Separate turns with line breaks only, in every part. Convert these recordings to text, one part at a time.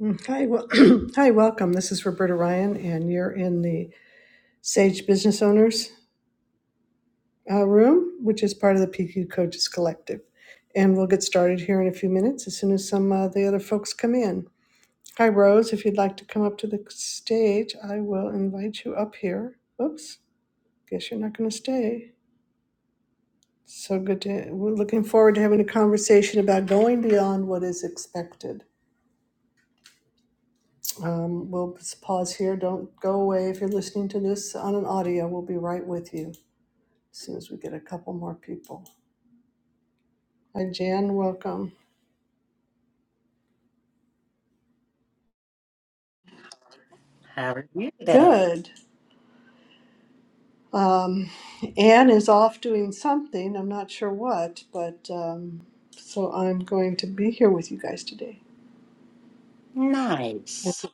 Mm, Hi, well, hi, welcome. This is Roberta Ryan, and you're in the Sage Business Owners uh, room, which is part of the PQ Coaches Collective. And we'll get started here in a few minutes as soon as some of the other folks come in. Hi, Rose. If you'd like to come up to the stage, I will invite you up here. Oops, guess you're not going to stay. So good to. We're looking forward to having a conversation about going beyond what is expected. Um, we'll just pause here. Don't go away if you're listening to this on an audio. We'll be right with you as soon as we get a couple more people. Hi, Jan. Welcome.
How are you today?
Good. Um, Anne is off doing something. I'm not sure what, but um, so I'm going to be here with you guys today. I
Nice.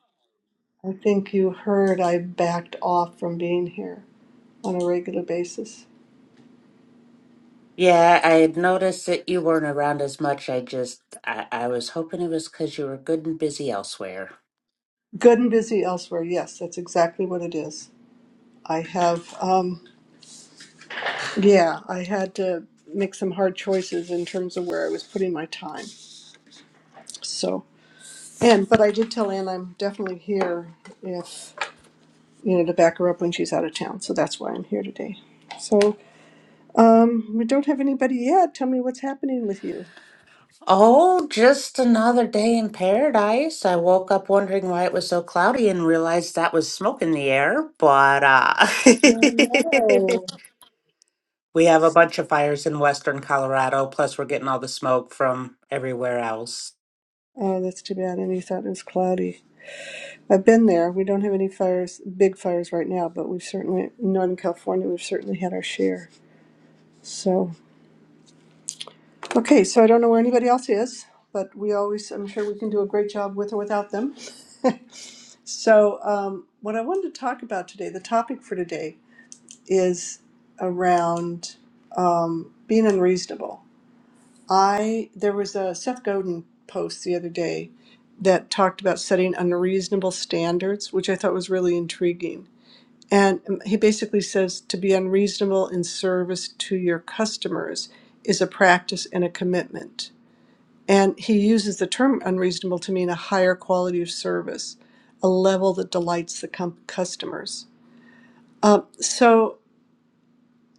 I think you heard I backed off from being here on a regular basis.
Yeah, I had noticed that you weren't around as much. I just, I, I was hoping it was because you were good and busy elsewhere.
Good and busy elsewhere. Yes, that's exactly what it is. I have. Um, Yeah, I had to make some hard choices in terms of where I was putting my time. So, and but I did tell Ann I'm definitely here if you know to back her up when she's out of town. So that's why I'm here today. So um, we don't have anybody yet. Tell me what's happening with you.
Oh, just another day in paradise. I woke up wondering why it was so cloudy and realized that was smoke in the air, but uh
Oh no.
we have a bunch of fires in western Colorado, plus we're getting all the smoke from everywhere else.
Oh, that's too bad. And you thought it was cloudy. I've been there. We don't have any fires, big fires right now, but we've certainly, in Northern California, we've certainly had our share. So. Okay, so I don't know where anybody else is, but we always, I'm sure we can do a great job with or without them. so, um, what I wanted to talk about today, the topic for today, is around um, being unreasonable. I there was a Seth Godin post the other day that talked about setting unreasonable standards, which I thought was really intriguing. And um, he basically says to be unreasonable in service to your customers is a practice and a commitment and he uses the term unreasonable to mean a higher quality of service, a level that delights the com- customers. Um, so,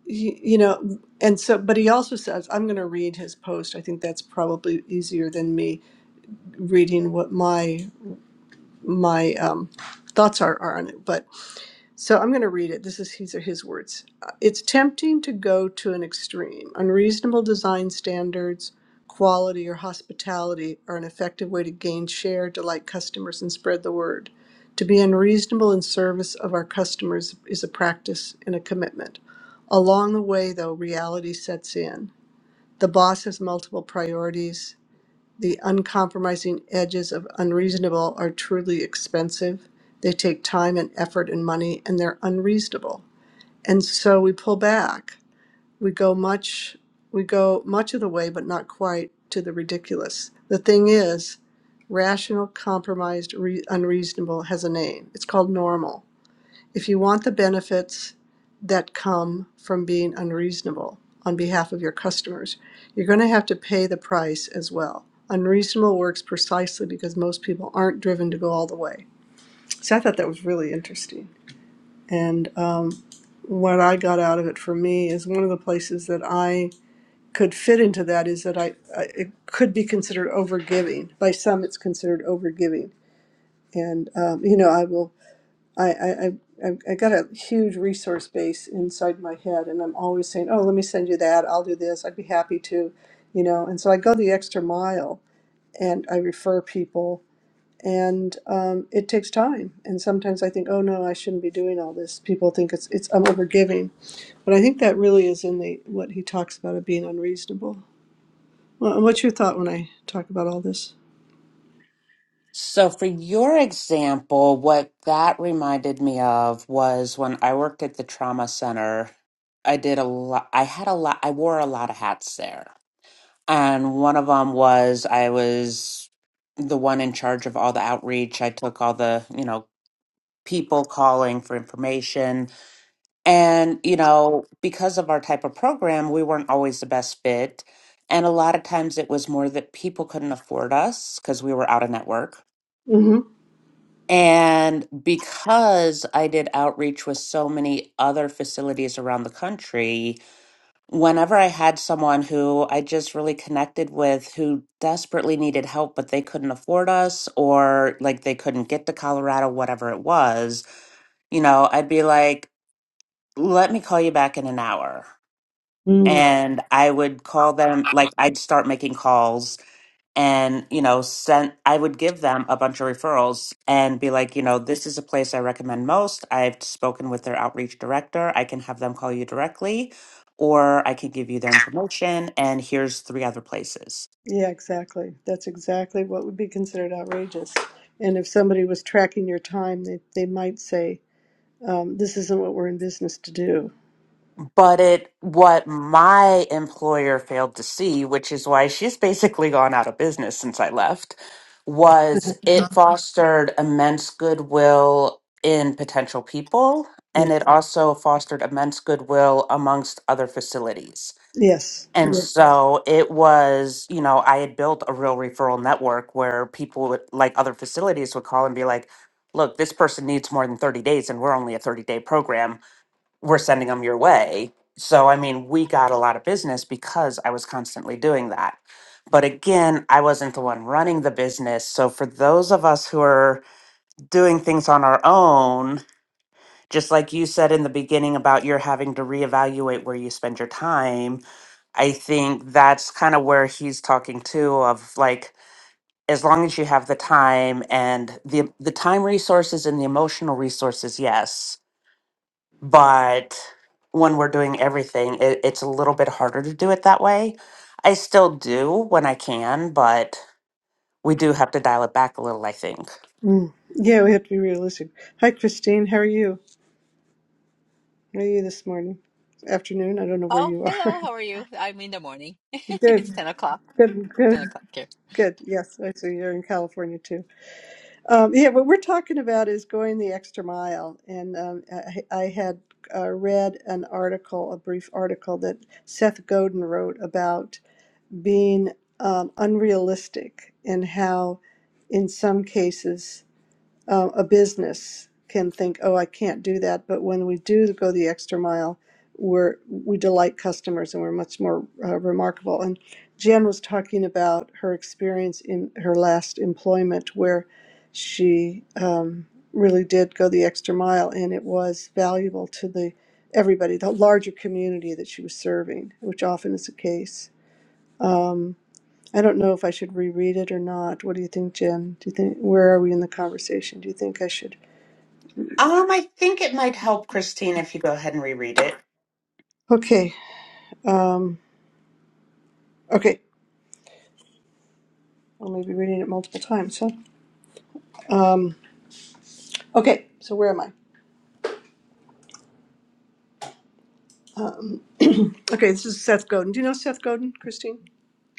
you, you know, and so, but he also says, I'm going to read his post. I think that's probably easier than me reading what my my um, thoughts are, are on it. But So I'm going to read it. This is these are his words. Uh, It's tempting to go to an extreme. Unreasonable design standards, quality, or hospitality are an effective way to gain share, delight customers, and spread the word. To be unreasonable in service of our customers is a practice and a commitment. Along the way, though, reality sets in. The boss has multiple priorities the uncompromising edges of unreasonable are truly expensive. They take time and effort and money, and they're unreasonable. And so we pull back. We go much, we go much of the way, but not quite to the ridiculous. The thing is, rational, compromised, re- unreasonable has a name. It's called normal if you want the benefits that come from being unreasonable on behalf of your customers, you're going to have to pay the price as well. Unreasonable works precisely because most people aren't driven to go all the way. So I thought that was really interesting. And um, what I got out of it for me is one of the places that I could fit into that is that I, I it could be considered overgiving. By some, it's considered overgiving. And um, you know, I will I, I, I, I've I got a huge resource base inside my head, and I'm always saying, "Oh, let me send you that. I'll do this. I'd be happy to," you know. And so I go the extra mile, and I refer people, and um, it takes time. And sometimes I think, "Oh no, I shouldn't be doing all this." People think it's it's I'm overgiving, but I think that really is in the what he talks about of being unreasonable. Well, what's your thought when I talk about all this?
So, for your example, what that reminded me of was when I worked at the trauma center, I did a lot, I had a lot, I wore a lot of hats there. And one of them was I was the one in charge of all the outreach. I took all the, you know, people calling for information. And, you know, because of our type of program, we weren't always the best fit. And a lot of times it was more that people couldn't afford us because we were out of network
Mm-hmm.
and because I did outreach with so many other facilities around the country, whenever I had someone who I just really connected with who desperately needed help, but they couldn't afford us or like they couldn't get to Colorado, whatever it was, you know, I'd be like, let me call you back in an hour.
Mm.
And I would call them, like, I'd start making calls and you know sent i would give them a bunch of referrals and be like you know this is a place i recommend most i've spoken with their outreach director i can have them call you directly or i can give you their information and here's three other places
Yeah, exactly. That's exactly what would be considered outrageous. And if somebody was tracking your time, they, they might say, um, this isn't what we're in business to do.
But it what my employer failed to see, which is why she's basically gone out of business since I left, was it fostered immense goodwill in potential people,
Yeah.
and it also fostered immense goodwill amongst other facilities.
Yes.
And
Yes.
so it was, you know, I had built a real referral network where people would, like other facilities would call and be like, look, this person needs more than 30 days, and we're only a 30 day program we're sending them your way. So, I mean, we got a lot of business because I was constantly doing that. But again, I wasn't the one running the business. So, for those of us who are doing things on our own, just like you said in the beginning about you're having to reevaluate where you spend your time, I think that's kind of where he's talking too of like as long as you have the time and the the time resources and the emotional resources, yes but when we're doing everything, it, it's a little bit harder to do it that way. I still do when I can, but we do have to dial it back a little, I think.
Mm. Yeah, we have to be realistic. Hi, Christine. How are you? How are you this morning? Afternoon? I don't know where
Oh,
you are.
hello. How are you? I'm in the morning. It's
good.
10 o'clock.
Good. Good.
10 o'clock here.
Good. Yes, I see you're in California too. Um, yeah, what we're talking about is going the extra mile. And um, I, I had uh, read an article, a brief article that Seth Godin wrote about being um, unrealistic and how, in some cases, uh, a business can think, oh, I can't do that. But when we do go the extra mile, we're, we delight customers and we're much more uh, remarkable. And Jan was talking about her experience in her last employment where she um, really did go the extra mile and it was valuable to the everybody, the larger community that she was serving, which often is the case. I don't know if I should reread it or not. What do you think, Jen? Do you think where are we in the conversation? Do you think I should?
Um, I think it might help, Christine, if you go ahead and reread it.
Okay, Um, okay, I may be reading it multiple times, huh? Um, okay, so where am I? Um, okay, this is Seth Godin. Do you know Seth Godin, Christine?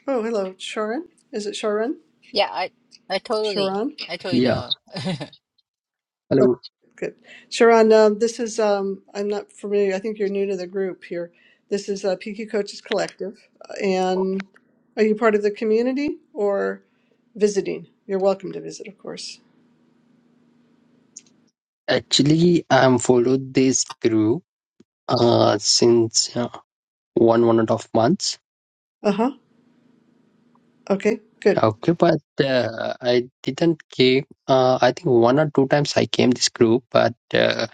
Oh, hello, Sharon. Is it Sharon?
Yeah, I I totally
Sharon?
I totally
Yeah,
know.
Oh,
hello.
Good. Sharon, um, this is, um, I'm not familiar. I think you're new to the group here. This is uh, PQ Coaches Collective. And are you part of the community or visiting? You're welcome to visit, of course.
Actually, I'm followed this crew uh since uh, one one and a half months.
Uh huh. Okay, good.
Okay, but uh, I didn't came. Uh, I think one or two times I came this group, but uh,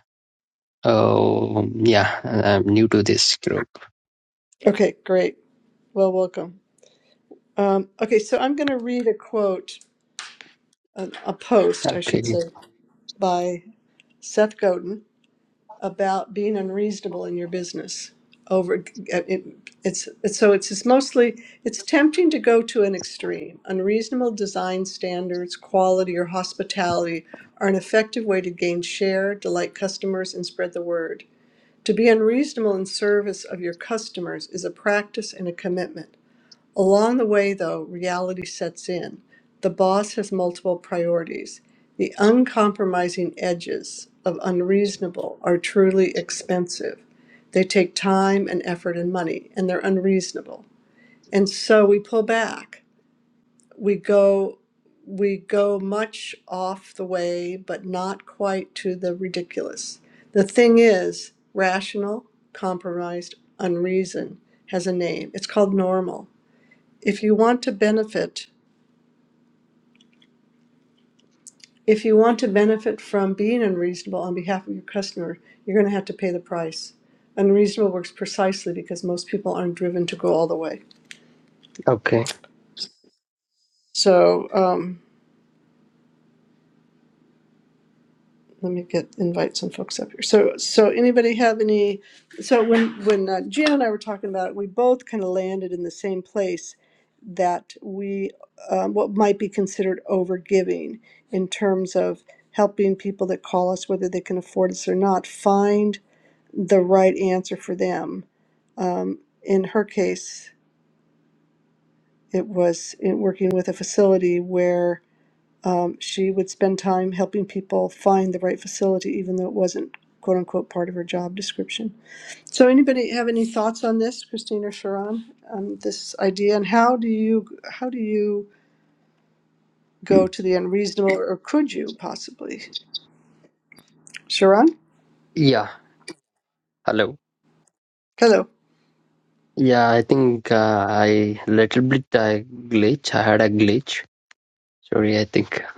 oh yeah, I'm new to this group.
Okay, great. Well, welcome. Um, okay, so I'm going to read a quote, a, a post, I should
Okay,
say, by Seth Godin about being unreasonable in your business. Over, uh, it, it's, it's so it's, it's mostly it's tempting to go to an extreme. Unreasonable design standards, quality, or hospitality are an effective way to gain share, delight customers, and spread the word. To be unreasonable in service of your customers is a practice and a commitment. Along the way, though, reality sets in. The boss has multiple priorities. The uncompromising edges of unreasonable are truly expensive. They take time and effort and money, and they're unreasonable. And so we pull back. We go we go much off the way, but not quite to the ridiculous. The thing is, rational, compromised, unreason has a name. It's called normal if you want to benefit, if you want to benefit from being unreasonable on behalf of your customer, you're going to have to pay the price. Unreasonable works precisely because most people aren't driven to go all the way.
okay.
So um, let me get invite some folks up here. So so anybody have any? So when when uh, Gina and I were talking about it, we both kind of landed in the same place that we um, what might be considered overgiving in terms of helping people that call us, whether they can afford us or not, find the right answer for them. Um, in her case, it was in working with a facility where um, she would spend time helping people find the right facility, even though it wasn't "quote unquote" part of her job description. So, anybody have any thoughts on this, Christine or Sharon, on this idea? And how do you how do you go to the unreasonable, or could you possibly, Sharon?
Yeah, hello.
Hello.
Yeah, I think uh, I little bit uh, glitch. I had a glitch. Sorry, I think.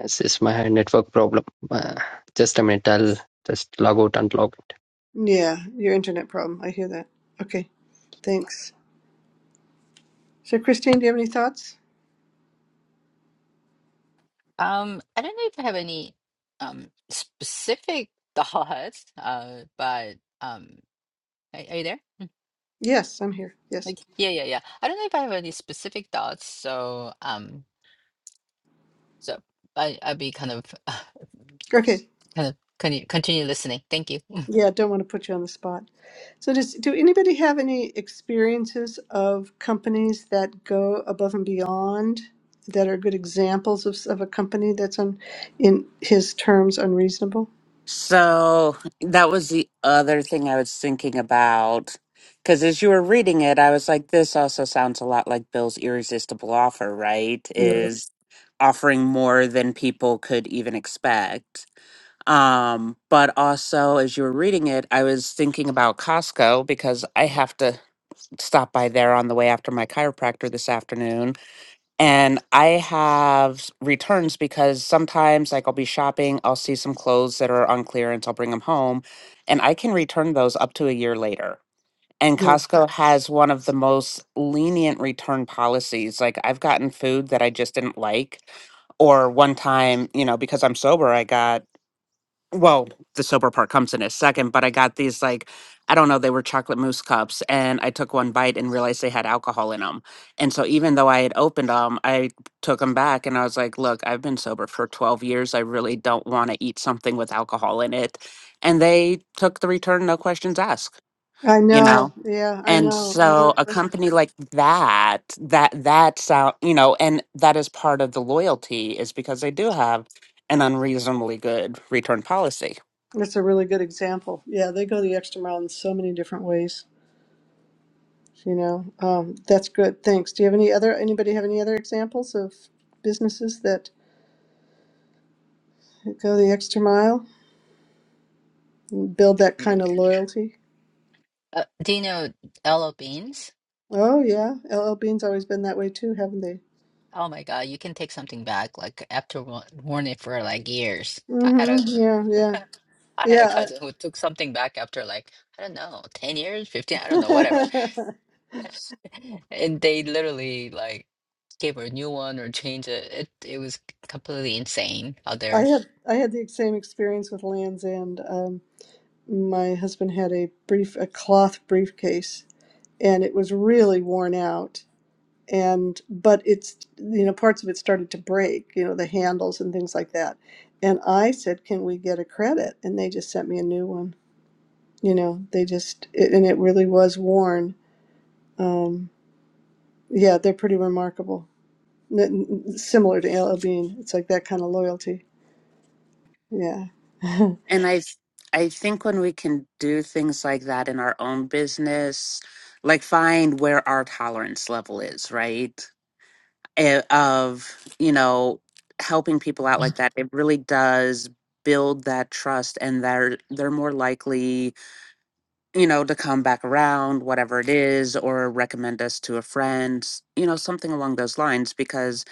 This is my network problem. Uh, just a minute, I'll just log out and log
Yeah, your internet problem. I hear that. Okay, thanks. So, Christine, do you have any thoughts?
Um, I don't know if I have any um specific thoughts, uh, but um are, are you there?
Yes, I'm here. Yes.
Like yeah, yeah, yeah. I don't know if I have any specific thoughts, so um So I I'd be kind of uh,
Okay.
kind of continue, continue listening. Thank you.
Yeah, don't want to put you on the spot. So does do anybody have any experiences of companies that go above and beyond that are good examples of, of a company that's on in his terms unreasonable?
So that was the other thing I was thinking about. Because as you were reading it, I was like, this also sounds a lot like Bill's irresistible offer, right?
Yeah.
Is offering more than people could even expect. Um, but also, as you were reading it, I was thinking about Costco because I have to stop by there on the way after my chiropractor this afternoon. and I have returns because sometimes, like, I'll be shopping, I'll see some clothes that are on clearance, I'll bring them home, and I can return those up to a year later. And
yeah.
Costco has one of the most lenient return policies. Like, I've gotten food that I just didn't like, or one time, you know, because I'm sober, I got well, the sober part comes in a second, but I got these like, I don't know, they were chocolate mousse cups, and I took one bite and realized they had alcohol in them. And so even though I had opened them, I took them back and I was like, look, I've been sober for 12 years. I really don't want to eat something with alcohol in it. And they took the return, no questions asked,
I
you
know.
know?
Yeah, I
And
know. No
so a
question.
company like that, that, that's out, you know, and that is part of the loyalty is because they do have an unreasonably good return policy.
That's a really good example. Yeah, they go the extra mile in so many different ways. You know, um, that's good. Thanks. Do you have any other? Anybody have any other examples of businesses that? Go the extra mile and build that kind of loyalty.
Uh, do you know LL Beans?
Oh yeah, LL Bean's always been that way too, haven't they?
Oh my God, you can take something back. Like after wa- worn it for like years. I had
hmm
a
Yeah, yeah,
I had a
yeah.
cousin who took something back after like, I don't know, 10 years, 15, I don't know, whatever.
I,
And they literally like gave her a new one or changed it. It it was completely insane out
I
there.
had I had the same experience with Lands End. Um, my husband had a brief a cloth briefcase, and it was really worn out. And but it's you know parts of it started to break, you know the handles and things like that. And I said, "Can we get a credit?" And they just sent me a new one. You know, they just, it, and it really was worn. Um, yeah, they're pretty remarkable. N- n- similar to Al Bean. It's like that kind of loyalty. Yeah.
And I th- I think when we can do things like that in our own business, like find where our tolerance level is, right? Eh, Of, you know, helping people out like that, it really does build that trust and they're they're more likely, you know, to come back around, whatever it is, or recommend us to a friend, s- you know, something along those lines because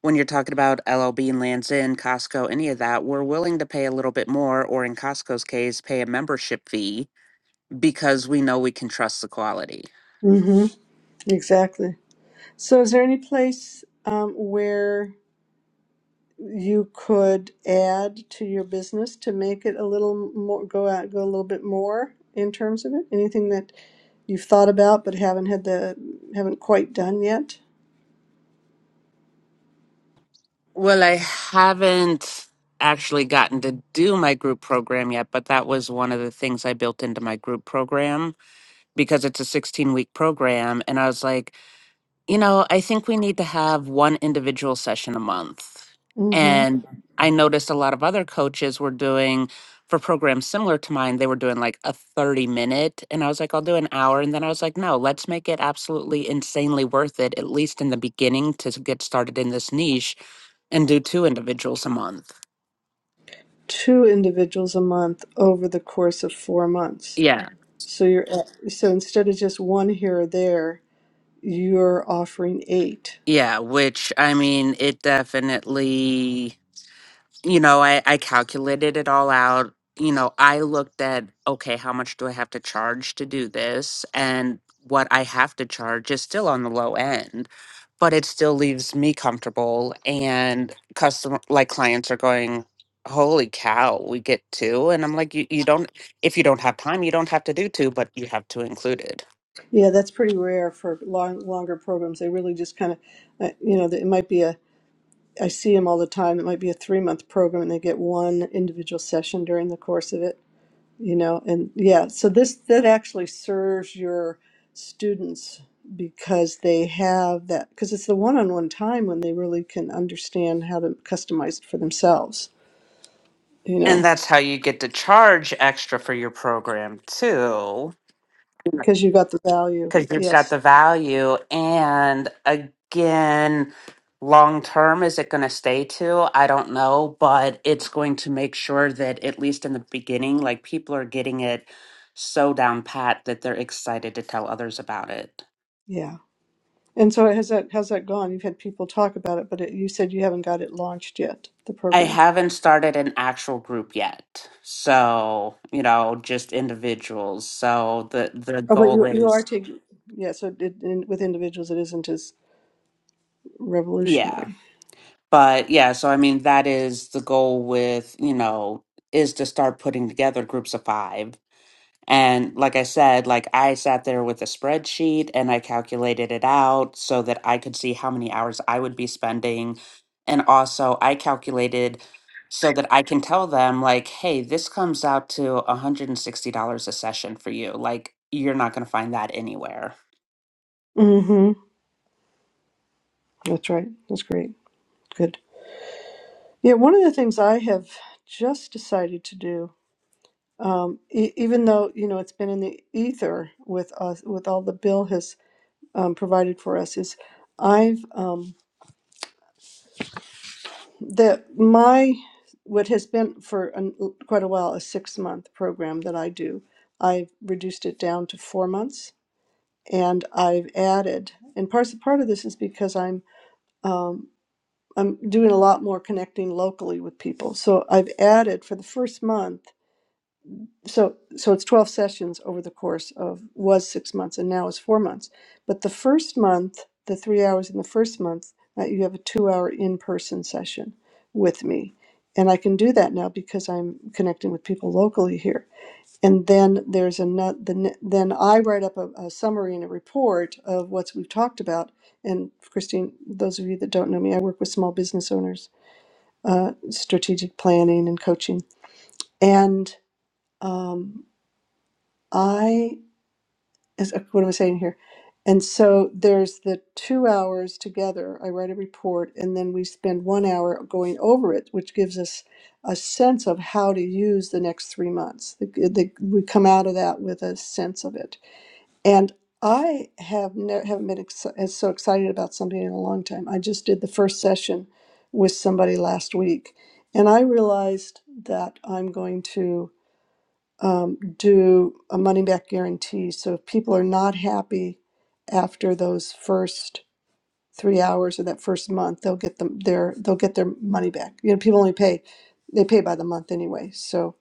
when you're talking about LLB Bean, Lands End, Costco, any of that, we're willing to pay a little bit more, or in Costco's case, pay a membership fee because we know we can trust the quality.
hmm Exactly. So, is there any place um, where you could add to your business to make it a little more go out, go a little bit more in terms of it? Anything that you've thought about but haven't had the haven't quite done yet?
Well, I haven't actually gotten to do my group program yet, but that was one of the things I built into my group program because it's a 16 week program. And I was like, You know, I think we need to have one individual session a month.
Mm-hmm.
And I noticed a lot of other coaches were doing for programs similar to mine, they were doing like a 30 minute. And I was like, I'll do an hour. And then I was like, no, let's make it absolutely insanely worth it, at least in the beginning to s- get started in this niche and do two individuals a month.
two individuals a month over the course of four months.
Yeah.
So you're at, so instead of just one here or there, you're offering eight.
Yeah. Which I mean, it definitely. you know, I, I calculated it all out. You know, I looked at, okay, how much do I have to charge to do this? And what I have to charge is still on the low end, but it still leaves me comfortable. And customer, like clients are going, holy cow, we get two. And I'm like, you, you don't, if you don't have time, you don't have to do two, but you have two included.
Yeah, that's pretty rare for long longer programs. They really just kind of, uh, you know, it might be a. I see them all the time. It might be a three month program, and they get one individual session during the course of it. you know and yeah so this that actually serves your students because they have that because it's the one-on-one time when they really can understand how to customize it for themselves you
And
know
that's how you get to charge extra for your program too
because you got the value
because you've got
yes
the value. And again, long term, is it going to stay to? I don't know, but it's going to make sure that at least in the beginning, like people are getting it so down pat that they're excited to tell others about it.
yeah and so has that how's that gone you've had people talk about it but it, you said you haven't got it launched yet the
I
program
haven't started an actual group yet. So, you know, just individuals. So the the
oh but
goal
you you are
is
taking yeah so it, in, with individuals it isn't as
yeah.
revolutionary
But yeah, so I mean, that is the goal with, you know, is to start putting together groups of five. And like I said, like I sat there with a spreadsheet and I calculated it out so that I could see how many hours I would be spending. And also, I calculated so that I can tell them, like, hey, this comes out to $160 a session for you. Like, you're not going to find that anywhere.
mm-hmm that's right that's great good Yeah, one of the things I have just decided to do, um, e- even though you know it's been in the ether with us, with all the bill has um, provided for us, is I've um, that my what has been for an, quite a while a six month program that I do, I've reduced it down to four months, and I've added, and part part of this is because I'm um, I'm doing a lot more connecting locally with people, so I've added for the first month. so so it's 12 sessions over the course of was six months and now is four months but the first month the three hours in the first month uh, you have a two hour in-person session with me and i can do that now because i'm connecting with people locally here and then there's another the, ne- then i write up a, a summary and a report of what we've talked about and christine those of you that don't know me i work with small business owners uh, strategic planning and coaching and um, i is uh, what am I saying here? And so there's the two hours together. I write a report, and then we spend one hour going over it, which gives us a sense of how to use the next three months. The- the- we come out of that with a sense of it. And I have never haven't been ex- as so excited about something in a long time. I just did the first session with somebody last week, and I realized that I'm going to um, do a money back guarantee. So if people are not happy after those first three hours or that first month, they'll get them their they'll get their money back. You know, people only pay they pay by the month anyway. So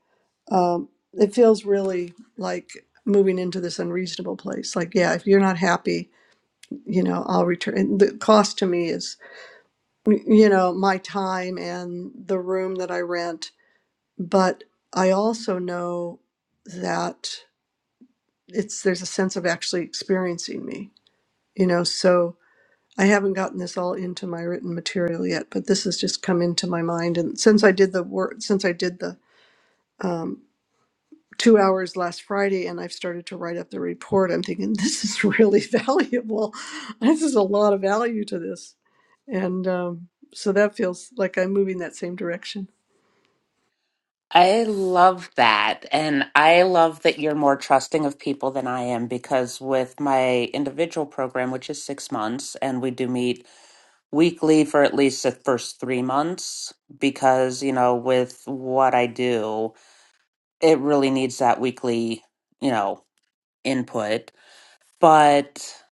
um, it feels really like moving into this unreasonable place. Like, yeah, if you're not happy, you know, I'll return. And the cost to me is, you know, my time and the room that I rent. But I also know that. it's there's a sense of actually experiencing me you know so i haven't gotten this all into my written material yet but this has just come into my mind and since i did the work since i did the um, two hours last friday and i've started to write up the report i'm thinking this is really valuable this is a lot of value to this and um, so that feels like i'm moving that same direction
I love that. And I love that you're more trusting of people than I am because with my individual program, which is six months, and we do meet weekly for at least the first three months, because, you know, with what I do, it really needs that weekly, you know, input. But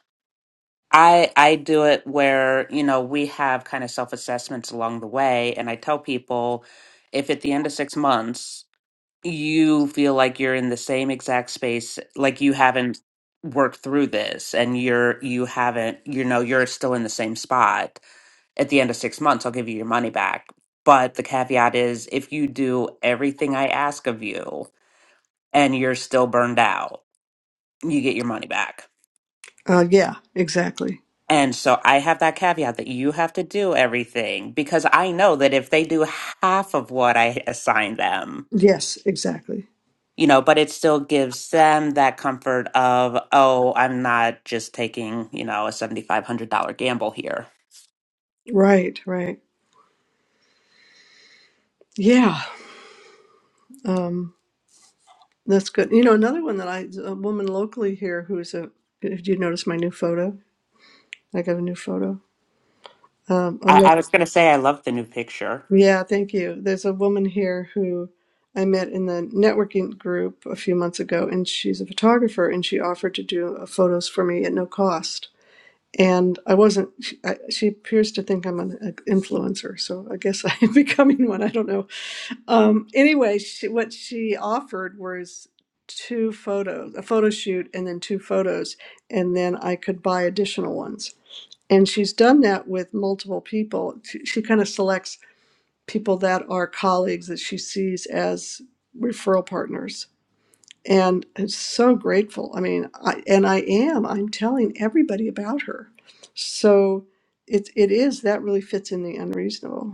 I I do it where, you know, we have kind of self-assessments along the way, and I tell people if at the end of six months you feel like you're in the same exact space like you haven't worked through this and you're you haven't you know you're still in the same spot at the end of 6 months I'll give you your money back but the caveat is if you do everything I ask of you and you're still burned out you get your money back
uh, yeah exactly
and so I have that caveat that you have to do everything because I know that if they do half of what I assign them
yes exactly
you know, but it still gives them that comfort of, oh, I'm not just taking, you know, a $7,500 gamble here.
right right yeah um, That's good. You know, another one that I, a woman locally here who's a, did you notice my new photo? I got a new photo. Um, a
I,
lo-
I was going to say, I love the new picture.
yeah, thank you. There's a woman here who I met in the networking group a few months ago, and she's a photographer, and she offered to do uh, photos for me at no cost. And I wasn't, she, I, she appears to think I'm an uh, influencer, so I guess I'm becoming one. I don't know. Um, anyway, she, what she offered was two photos, a photo shoot, and then two photos, and then I could buy additional ones. And she's done that with multiple people. She, she kind of selects people that are colleagues that she sees as referral partners. And I'm so grateful. I mean, I, and I am. I'm telling everybody about her. So it, it is that really fits in the unreasonable.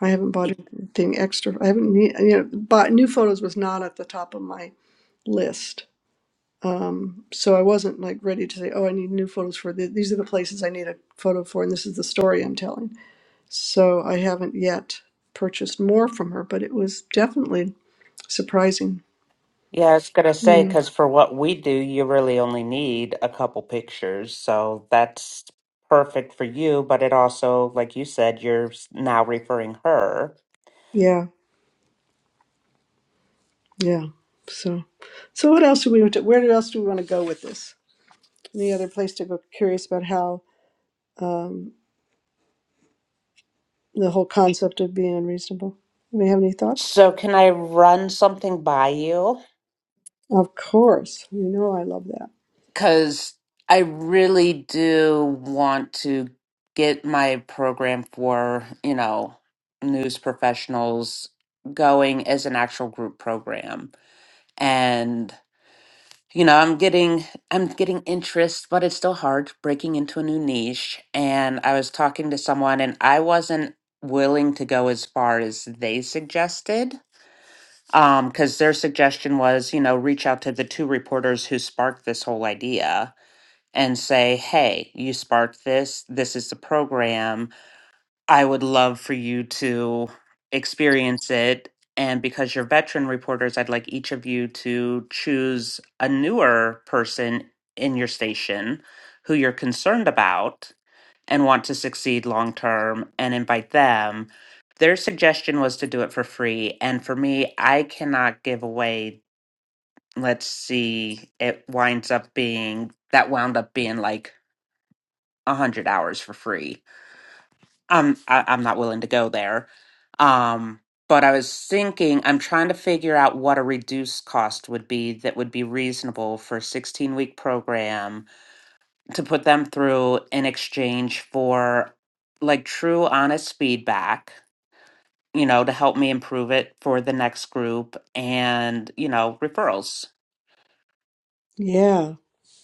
I haven't bought anything extra. I haven't need, you know bought new photos was not at the top of my list. Um, so I wasn't like ready to say, oh, I need new photos for th- these are the places I need a photo for, and this is the story I'm telling. So I haven't yet purchased more from her, but it was definitely surprising.
Yeah, I was gonna
You
say
know,
because for what we do, you really only need a couple pictures, so that's perfect for you. But it also, like you said, you're s- now referring her.
yeah, yeah. So, so what else do we want to? Where else do we want to go with this? Any other place to go? Curious about how um, the whole concept of being unreasonable. Do we have any thoughts?
So can I run something by you?
Of course, you know I love that.
because I really do want to get my program for, you know, news professionals going as an actual group program. And you know, I'm getting I'm getting interest, but it's still hard breaking into a new niche. And I was talking to someone and I wasn't willing to go as far as they suggested. Um, because their suggestion was, you know, reach out to the two reporters who sparked this whole idea and say, hey, you sparked this. This is the program. I would love for you to experience it. And because you're veteran reporters, I'd like each of you to choose a newer person in your station who you're concerned about and want to succeed long term and invite them. Their suggestion was to do it for free. And for me, I cannot give away. Let's see, it winds up being that wound up being like 100 hours for free. I'm I, I'm not willing to go there. Um, but I was thinking I'm trying to figure out what a reduced cost would be that would be reasonable for a 16 week program to put them through in exchange for like true honest feedback, you know, to help me improve it for the next group and, you know, referrals.
Yeah,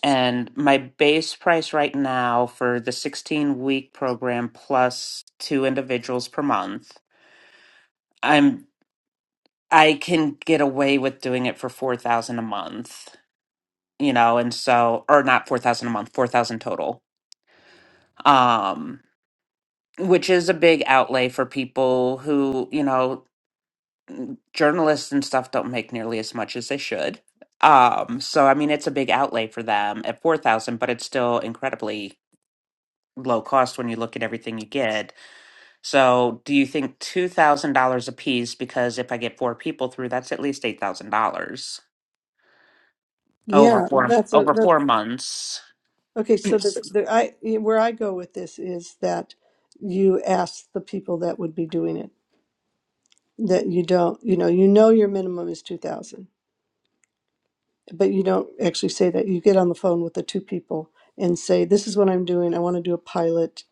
And my base price right now for the 16 week program plus two individuals per month I'm I can get away with doing it for 4,000 a month, you know, and so or not 4,000 a month, 4,000 total. Um which is a big outlay for people who, you know, journalists and stuff don't make nearly as much as they should. Um so I mean it's a big outlay for them at 4,000, but it's still incredibly low cost when you look at everything you get. So, do you think $2,000 a piece because if I get four people through, that's at least $8,000. over
yeah.
four
That's a
over
that,
four months.
okay. So the the I where I go with this is that you ask the people that would be doing it that you don't you know you know your minimum is two thousand, but you don't actually say that. You get on the phone with the two people and say, "This is what I'm doing. I want to do a pilot.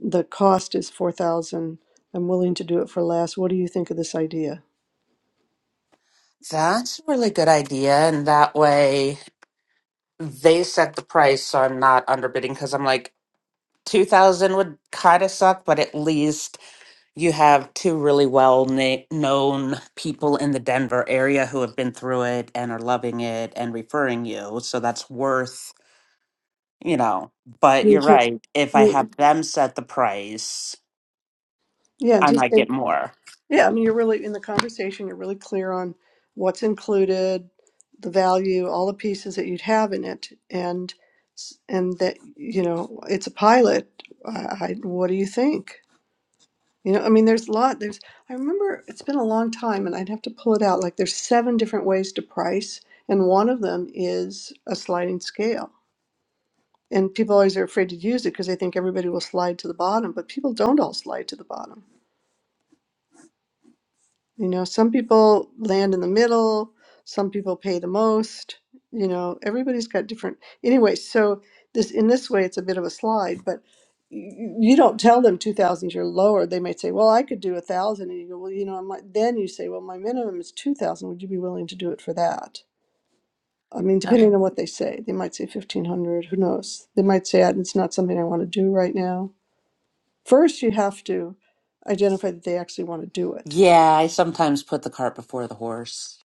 The cost is four thousand. I'm willing to do it for less. What do you think of this idea?"
That's a really good idea. And that way they set the price so I'm not underbidding because I'm like, 2000 would kind of suck, but at least you have two really well na- known people in the Denver area who have been through it and are loving it and referring you. So that's worth, you know. But
You
you're
can-
right. If I
you-
have them set the price,
Yeah,
I
just
might
say.
get more.
Yeah, I mean, you're really in the conversation, you're really clear on what's included, the value, all the pieces that you'd have in it, and and that you know it's a pilot. I, I, what do you think? You know, I mean, there's a lot. There's I remember it's been a long time, and I'd have to pull it out. Like there's seven different ways to price, and one of them is a sliding scale. And people always are afraid to use it because they think everybody will slide to the bottom, but people don't all slide to the bottom You know, some people land in the middle, some people pay the most. You know, everybody's got different. Anyway, so this in this way, it's a bit of a slide, but you, you don't tell them two thousands you're lower. They might say, "Well, I could do a thousand." and you go, "Well, you know, I'm like." Then you say, "Well, my minimum is two thousand. Would you be willing to do it for that?" I mean, depending on what they say, they might say fifteen hundred. Who knows? They might say, "It's not something I want to do right now." First, you have to identify that they actually want to do it
Yeah, I sometimes put the cart before the horse.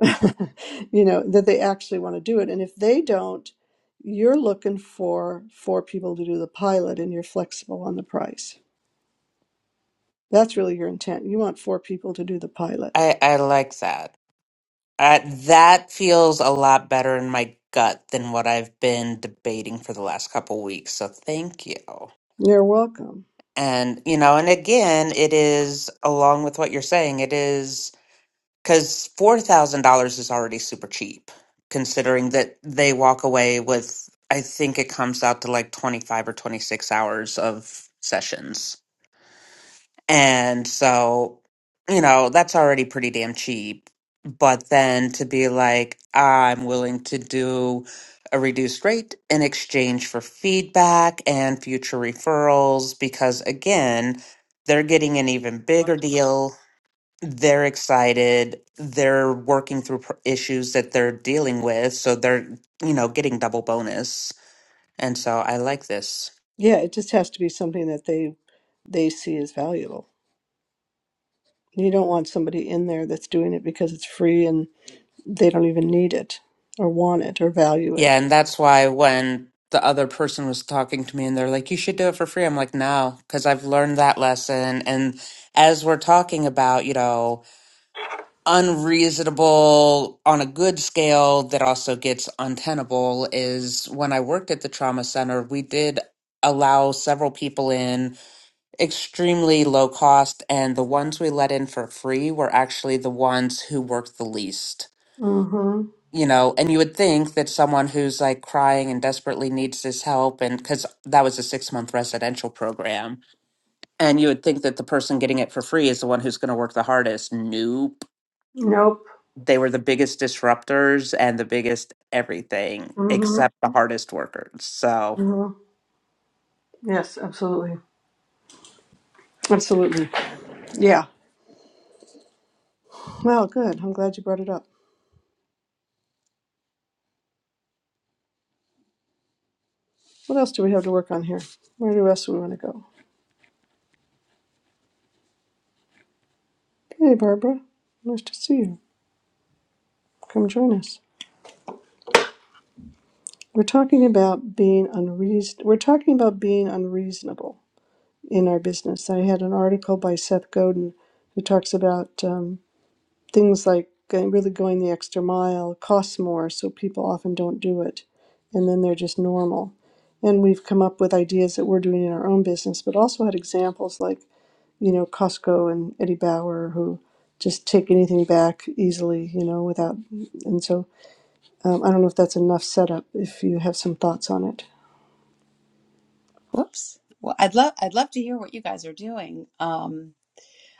you know that they actually want to do it and if they don't you're looking for four people to do the pilot and you're flexible on the price that's really your intent you want four people to do the pilot
I I like that. Uh, that feels a lot better in my gut than what I've been debating for the last couple weeks. So thank you.
you're welcome
And you know, and again, it is along with what you're saying. It is because four thousand dollars is already super cheap, considering that they walk away with. I think it comes out to like twenty five or twenty six hours of sessions. And so, you know, that's already pretty damn cheap. But then to be like, I'm willing to do a reduced rate in exchange for feedback and future referrals, because again, they're getting an even bigger deal. They're excited. They're working through pr- issues that they're dealing with. So they're, you know, getting double bonus. And so I like this.
yeah it just has to be something that they they see as valuable you don't want somebody in there that's doing it because it's free and they don't even need it or want it or value
Yeah,
it
and that's why when the other person was talking to me and they're like, you should do it for free. I'm like, no, because I've learned that lesson. And as we're talking about, you know, unreasonable on a good scale that also gets untenable is when I worked at the trauma center, we did allow several people in extremely low cost. And the ones we let in for free were actually the ones who worked the least
mm-hmm
you know, and you would think that someone who's like crying and desperately needs this help, and because that was a six month residential program, and you would think that the person getting it for free is the one who's going to work the hardest. Nope.
nope
They were the biggest disruptors and the biggest everything
mm-hmm,
except the hardest workers. So,
mm-hmm. yes absolutely absolutely yeah Well, good. I'm glad you brought it up. What else do we have to work on here? Where do else do we want to go? Hey, Barbara. Nice to see you. Come join us. We're talking about being unreason. We're talking about being unreasonable in our business. I had an article by Seth Godin who talks about um, things like going, really going the extra mile costs more, so people often don't do it, and then they're just normal. And we've come up with ideas that we're doing in our own business, but also had examples like you know, Costco and Eddie Bauer who just take anything back easily, you know, without. And so um, I don't know if that's enough setup. If you have some thoughts on it,
Whoops. Well, I'd love I'd love to hear what you guys are doing. Um,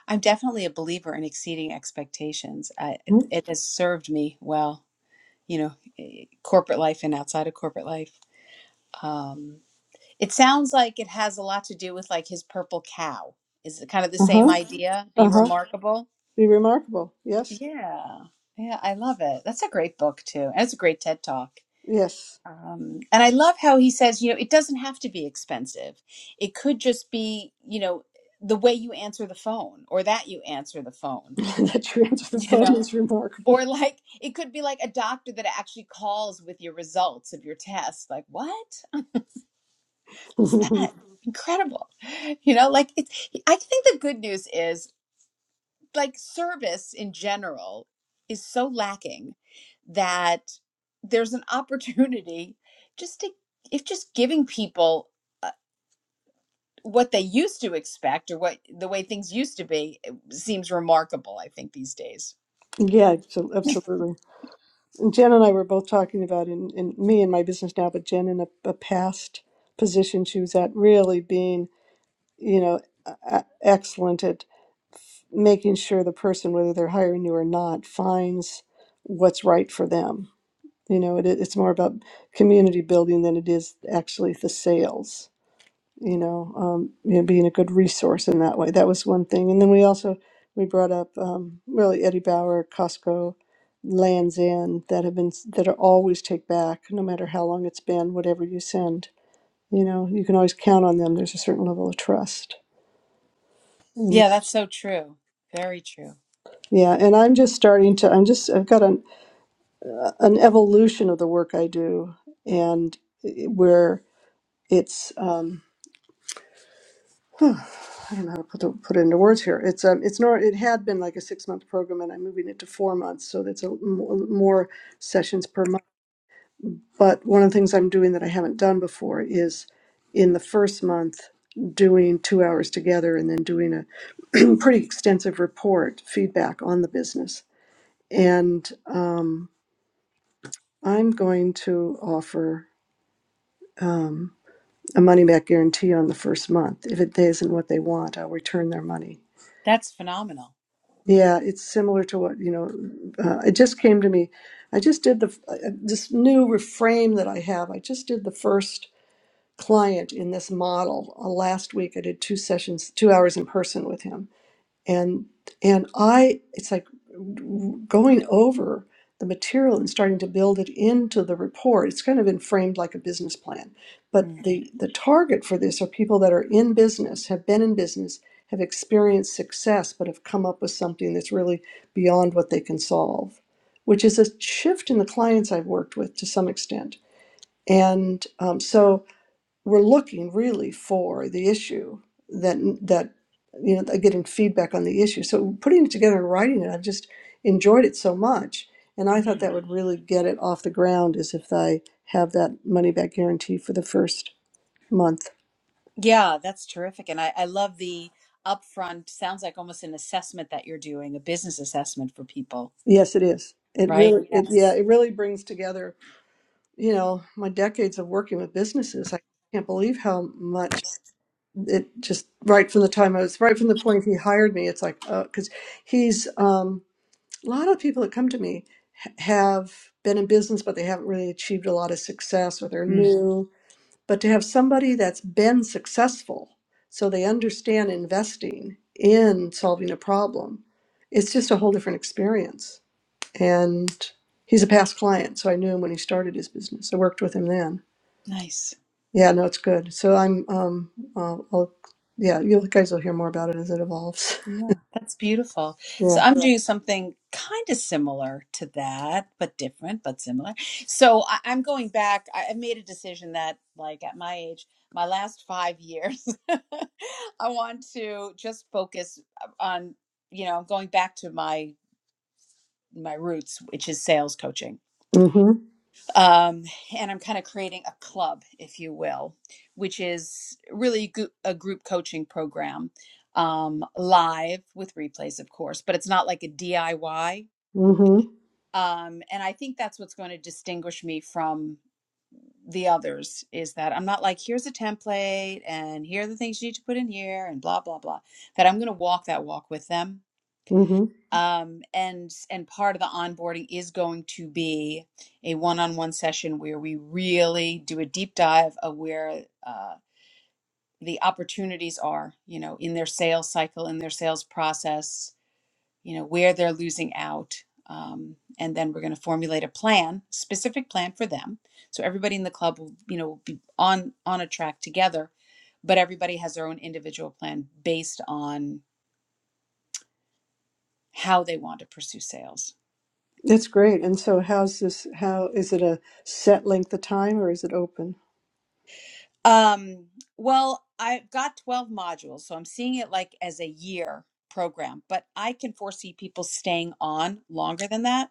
I'm definitely a believer in exceeding expectations. I, it,
uh
it has served me well, you know, eh, corporate life and outside of corporate life. Um, it sounds like it has a lot to do with like his purple cow. Is it kind of the same
huh,
idea? Be
uh huh,
remarkable.
be remarkable. Yes,
Yeah. Yeah, I love it. That's a great book too. And it's a great TED talk.
yes,
Um, and I love how he says, you know, it doesn't have to be expensive. It could just be, you know, the way you answer the phone or that you answer the phone,
that you answer the
you
phone
know,
is remarkable.
or like it could be like a doctor that actually calls with your results of your test. Like, what? What's that? Incredible. You know, like it's, I think the good news is like service in general is so lacking that there's an opportunity just to, if just giving people. what they used to expect or what the way things used to be it seems remarkable i think these days
yeah, so- absolutely. And Jen and I were both talking about in, in me and my business now, but Jen in a, a past position she was at, really being, you know, e- excellent making sure the person, whether they're hiring you or not, finds what's right for them. You know, it, it's more about community building than it is actually the sales. You know, um, you know, being a good resource in that way. That was one thing, and then we also we brought up um, really Eddie Bauer, Costco, Lands End that have been that are always take back, no matter how long it's been, whatever you send. You know, you can always count on them. There's a certain level of trust. And
Yeah, that's so true. Very true.
yeah, and I'm just starting to. I'm just. I've got an an evolution of the work I do, and it- where it's um, huh, I don't know how to put, the, put it into words here. It's um, it's nor it had been like a six month program, and I'm moving it to four months, so that's a m- more sessions per month. But one of the things I'm doing that I haven't done before is in the first month doing two hours together, and then doing a pretty extensive report feedback on the business. And um, I'm going to offer. Um, a money back guarantee on the first month. If it isn't what they want, I'll return their money.
That's phenomenal.
Yeah, it's similar to what, you know, uh, it just came to me. I just did the, uh, uh, this new reframe that I have. I just did the first client in this model uh, last week. I did two sessions, two hours in person with him and and i it's like going over the material and starting to build it into the report it's kind of been framed like a business plan but
Hmm.
the the target for this are people that are in business have been in business have experienced success but have come up with something that's really beyond what they can solve which is a shift in the clients i've worked with to some extent and um, so we're looking really for the issue that that you know getting feedback on the issue so putting it together and writing it i just enjoyed it so much and i
Mm.
thought that would really get it off the ground is if i have that money back guarantee for the first month
Yeah, that's terrific. And I, I love the upfront, sounds like almost an assessment that you're doing, a business assessment for people,
yes it is it
right?
really it yeah
Yes.
it really brings together you know my decades of working with businesses i can't believe how much it just right from the time i was right from the point he hired me it's like because he's um a lot of people that come to me ha- have been in business, but they haven't really achieved a lot of success or they're
Mm.
new. But to have somebody that's been successful, so they understand investing in solving a problem, it's just a whole different experience. And he's a past client, so I knew him when he started his business. I worked with him then.
Nice.
Yeah, no, it's good. So I'm, um, I'll, I'll yeah, you guys will hear more about it as it evolves.
Yeah, that's beautiful.
Yeah.
So I'm doing something kind of similar to that, but different, but similar. So I, I'm going back. I, I made a decision that, like, at my age, my last five years, I want to just focus uh, on, you know, going back to my my roots, which is sales coaching
Mm-hmm.
um, and I'm kind of creating a club, if you will, which is really goo- a group coaching program, um, live with replays, of course, but it's not like a DIY.
Mm-hmm.
Um, and I think that's what's going to distinguish me from the others is that I'm not like, here's a template and here are the things you need to put in here and blah, blah, blah, that I'm going to walk that walk with them um, and and part of the onboarding is going to be a one-on-one session where we really do a deep dive of where uh, the opportunities are you know in their sales cycle in their sales process you know where they're losing out um, and then we're going to formulate a plan specific plan for them so everybody in the club will you know be on on a track together but everybody has their own individual plan based on how they want to pursue sales
That's great. And so, how's this? How is it a set length of time or is it open?
Um, well, I've got 12 modules, so I'm seeing it like as a year program, but I can foresee people staying on longer than that.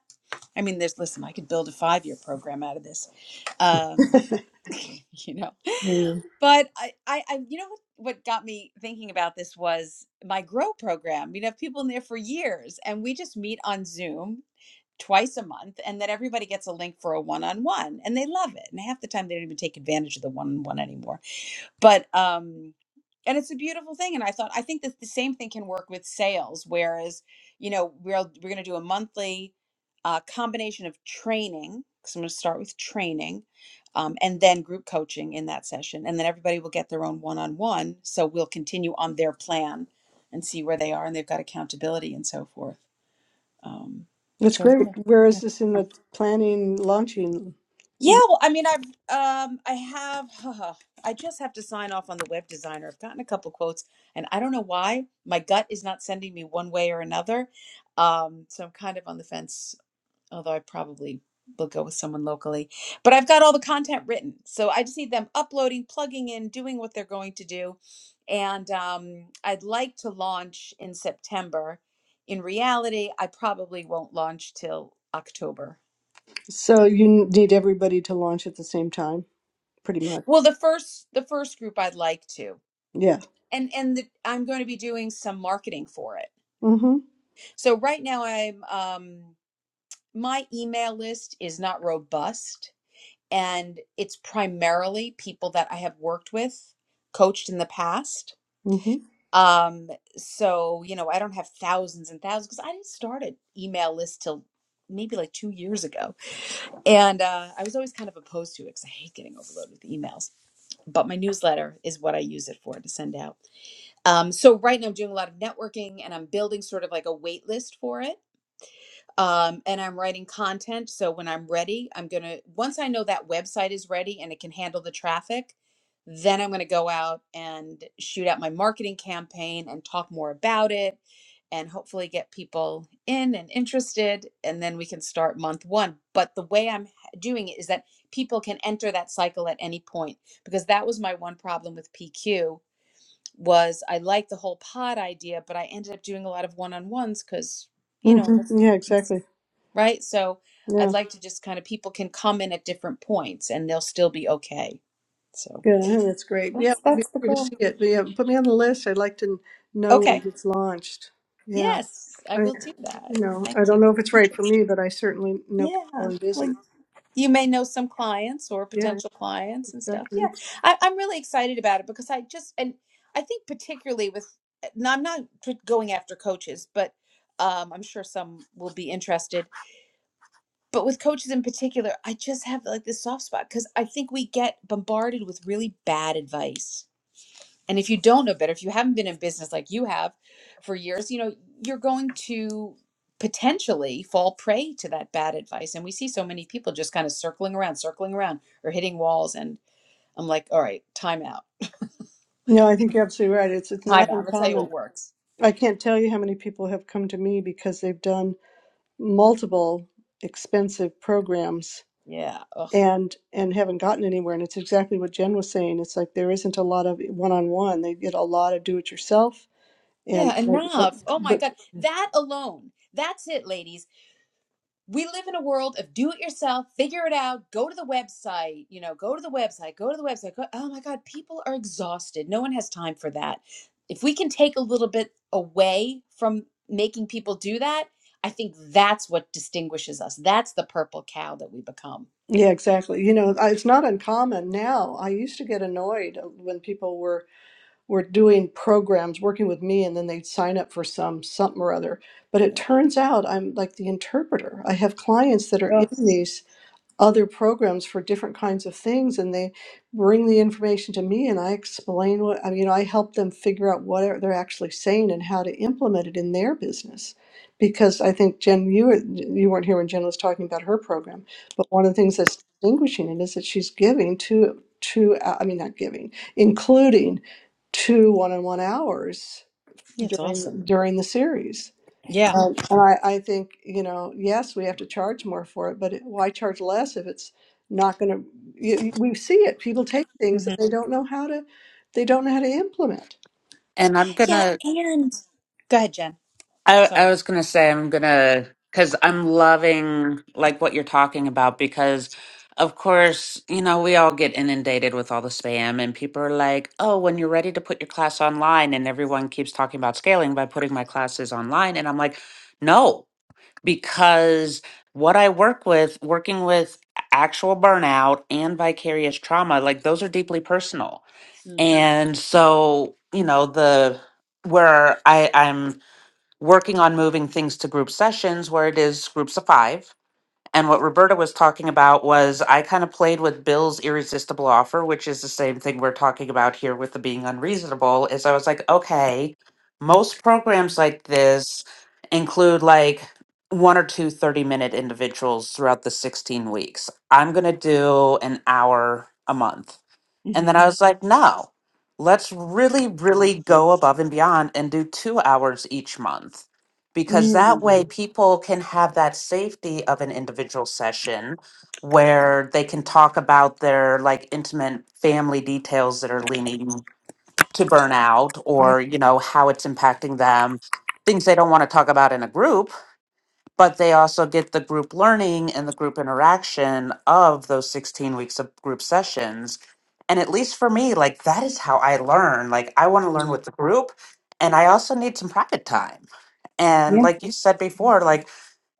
I mean, there's, listen, I could build a five year program out of this, um, you know,
Mm.
but I, I, I you know, what, what got me thinking about this was my grow program. We'd have people in there for years and we just meet on Zoom twice a month and then everybody gets a link for a one-on-one and they love it. And half the time they don't even take advantage of the one-on-one anymore but um and it's a beautiful thing and i thought i think that the same thing can work with sales whereas you know we're we're going to do a monthly uh, combination of training because i'm going to start with training um, and then group coaching in that session and then everybody will get their own one-on-one so we'll continue on their plan and see where they are and they've got accountability and so forth um,
That's
so
great.
yeah.
Where is this in
yeah.
the planning launching?
Yeah, well, I mean, I've um, I have. I just have to sign off on the web designer. I've gotten a couple quotes, and I don't know why my gut is not sending me one way or another. Um, so I'm kind of on the fence. Although I probably will go with someone locally, but I've got all the content written, so I just need them uploading, plugging in, doing what they're going to do, and um, I'd like to launch in September. In reality, I probably won't launch till October
So, you need everybody to launch at the same time, pretty much.
Well, the first the first group I'd like to,
Yeah.
and and the, I'm going to be doing some marketing for it.
Mm hmm.
So right now I'm um, my email list is not robust, and it's primarily people that I have worked with, coached in the past.
Mm hmm.
Um, so you know I don't have thousands and thousands because I didn't start an email list till maybe like two years ago, and uh, I was always kind of opposed to it because I hate getting overloaded with emails. But my newsletter is what I use it for to send out. Um, so right now I'm doing a lot of networking and I'm building sort of like a wait list for it. Um, and I'm writing content. So when I'm ready, I'm gonna once I know that website is ready and it can handle the traffic, then I'm gonna go out and shoot out my marketing campaign and talk more about it and hopefully get people in and interested and then we can start month one. But the way I'm doing it is that people can enter that cycle at any point because that was my one problem with PQ was I liked the whole pod idea, but I ended up doing a lot of one on ones because, you
Mm
know, that's,
hmm. Yeah,
that's-
exactly.
right. So I'd
Yeah.
like to just kind of people can come in at different points and they'll still be okay. So
Yeah, that's great. Yeah,
that's
I'm
that's the
eager to
goal.
see it. Yeah, put me on the list. I'd like to know when
Okay.
it gets launched. Yeah,
Yes, I
I,
will do that.
you know, I
Thank
don't
you.
know if it's right for me, but I certainly know people
Yeah.
in
Well,
business.
you may know some clients or
Yeah,
potential clients and stuff. Yeah,
Exactly.
I, I'm really excited about it because I just and I think particularly with now I'm not p- going after coaches, but um, I'm sure some will be interested. But with coaches in particular, I just have like this soft spot because I think we get bombarded with really bad advice and if you don't know better, if you haven't been in business like you have for years, you know, you're going to potentially fall prey to that bad advice. And we see so many people just kind of circling around, circling around, or hitting walls. And I'm like, all right, time out,
No, I think you're absolutely right. It's it's
time
not
out. I'm gonna tell you
uncommon.
what works.
I can't tell you how many people have come to me because they've done multiple expensive programs
Yeah. Ugh.
and and haven't gotten anywhere. And it's exactly what Jen was saying. It's like there isn't a lot of one-on-one. They get a lot of do-it-yourself and
Yeah.
like the,
Enough. Oh my
the,
God. That alone. That's it, ladies we live in a world of do it yourself, figure it out, go to the website, you know, go to the website, go to the website. Go, oh my God, people are exhausted. No one has time for that. If we can take a little bit away from making people do that, I think that's what distinguishes us. That's the purple cow that we become.
yeah, exactly. You know, I- it's not uncommon now. I used to get annoyed when people were were doing programs working with me and then they'd sign up for some something or other but it
Yeah.
turns out i'm like the interpreter i have clients that are in
Oh,
these other programs for different kinds of things and they bring the information to me and I explain what I mean, you know, I help them figure out what are- they're actually saying and how to implement it in their business. Because I think Jen, you were, you weren't here when Jen was talking about her program, but one of the things that's distinguishing it is that she's giving to to uh, I mean not giving, including two one-on-one hours
yeah, it's
during
awesome.
during the series.
Yeah.
Um, and I, I think, you know, yes, we have to charge more for it, but it, why charge less if it's not going to? You, you- we see it. People take things
hmm
that they don't know how to, they don't know how to implement.
and I'm going
Yeah.
to
And go ahead, Jen.
I, I
Sorry.
was gonna say I'm gonna because I'm loving like what you're talking about because of course you know we all get inundated with all the spam and people are like oh when you're ready to put your class online and everyone keeps talking about scaling by putting my classes online and I'm like no because what I work with working with actual burnout and vicarious trauma like those are deeply personal
Mm.
and so you know the where I I'm working on moving things to group sessions where it is groups of five. And what Roberta was talking about was I kind of played with Bill's irresistible offer, which is the same thing we're talking about here with the being unreasonable. Is I was like, okay, most programs like this include like one or two thirty minute individuals throughout the 16 weeks. I'm going to do an hour a month and
hmm
then I was like, no, let's really, really go above and beyond and do two hours each month because that
Mm.
way people can have that safety of an individual session where they can talk about their like intimate family details that are leaning to burnout
Yeah.
or, you know, how it's impacting them, things they don't want to talk about in a group but they also get the group learning and the group interaction of those 16 weeks of group sessions and at least for me like that is how i learn like i want to learn
Yeah.
with the group and i also need some private time and
Yeah.
like you said before like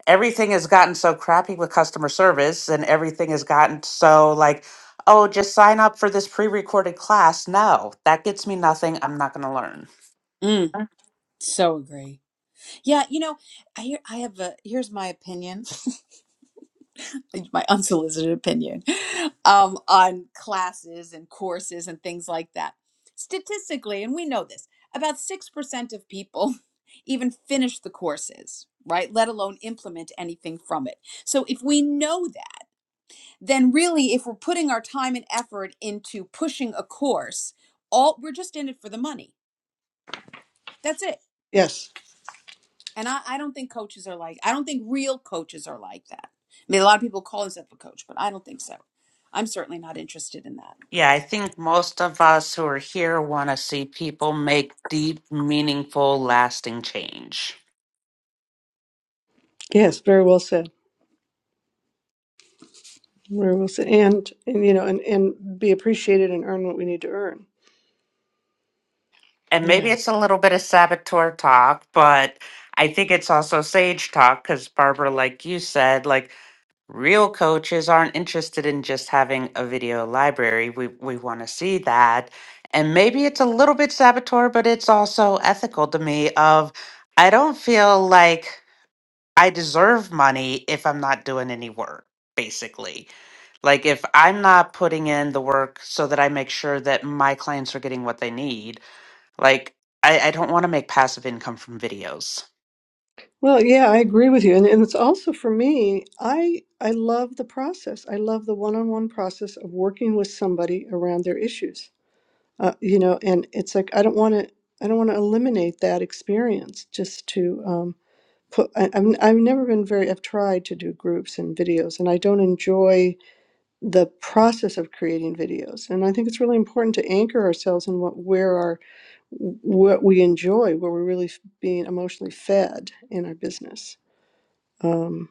everything has gotten so crappy with customer service and everything has gotten so like oh just sign up for this pre-recorded class no that gets me nothing i'm not going to learn
Mm. So agree. Yeah, you know, I hear, I have a here's my opinion, my unsolicited opinion, um, on classes and courses and things like that. Statistically, and we know this, about six percent of people even finish the courses, right? Let alone implement anything from it. So if we know that, then really, if we're putting our time and effort into pushing a course, all we're just in it for the money. That's it
Yes,
And I, I don't think coaches are like, I don't think real coaches are like that. I mean, a lot of people call themselves a coach, but I don't think so. I'm certainly not interested in that.
Yeah, I think most of us who are here want to see people make deep, meaningful, lasting change.
yes, very well said. Very well said. And, and you know, and, and be appreciated and earn what we need to earn.
And maybe
Yeah.
it's a little bit of saboteur talk, but I think it's also sage talk because, Barbara, like you said, like real coaches aren't interested in just having a video library. We, we want to see that. And maybe it's a little bit saboteur, but it's also ethical to me of I don't feel like I deserve money if I'm not doing any work, basically. Like if I'm not putting in the work so that I make sure that my clients are getting what they need, like I, I don't want to make passive income from videos.
Well, yeah, I agree with you. And, and it's also for me, I I love the process. I love the one-on-one process of working with somebody around their issues. uh, you know and it's like i don't want to i don't want to eliminate that experience just to um, put I, I've, I've never been very i've tried to do groups and videos and i don't enjoy the process of creating videos and i think it's really important to anchor ourselves in what where our what we enjoy where we're really f- being emotionally fed in our business um,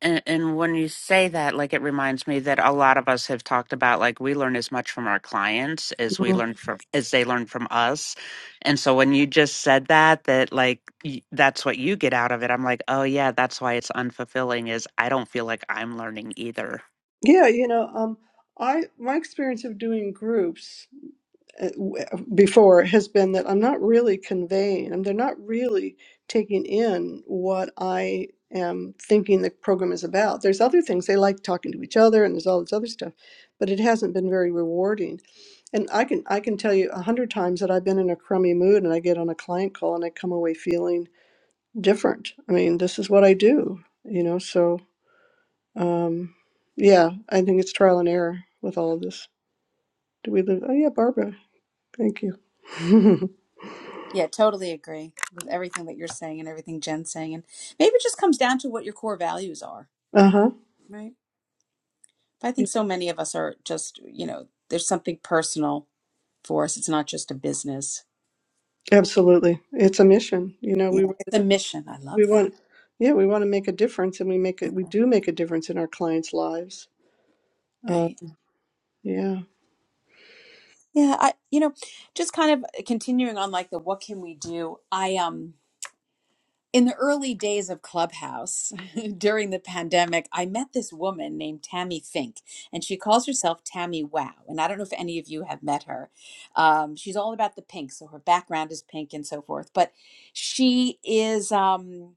And, and when you say that, like it reminds me that a lot of us have talked about like we learn as much from our clients as we
Mhm.
learn from as they learn from us. And so when you just said that, that like y- that's what you get out of it. I'm like, oh yeah, that's why it's unfulfilling. Is I don't feel like I'm learning either.
yeah you know um, i my experience of doing groups uh, w- uh, before has been that I'm not really conveying, and they're not really taking in what I am thinking the program is about. There's other things they like talking to each other, and there's all this other stuff, but it hasn't been very rewarding. And I can I can tell you a hundred times that I've been in a crummy mood, and I get on a client call, and I come away feeling different. I mean, this is what I do, you know. So um, yeah, I think it's trial and error with all of this. Do we live? Oh yeah, Barbara. Thank you.
Yeah, totally agree with everything that you're saying and everything Jen's saying. And maybe it just comes down to what your core values are,
Uh-huh.
right? But I
Yeah,
think so many of us are just, you know, there's something personal for us. It's not just a business.
Absolutely. It's a mission. You know,
Yeah.
we really
It's a
want-
mission. I love
we
that.
want yeah, we want to make a difference and we make it we
Yeah.
do make a difference in our clients' lives. Uh
Right.
yeah.
Yeah. I, you know, just kind of continuing on like the what can we do? I, um, in the early days of Clubhouse during the pandemic, I met this woman named Tammy Fink, and she calls herself Tammy Wow. And I don't know if any of you have met her. Um, she's all about the pink, so her background is pink and so forth. But she is, um,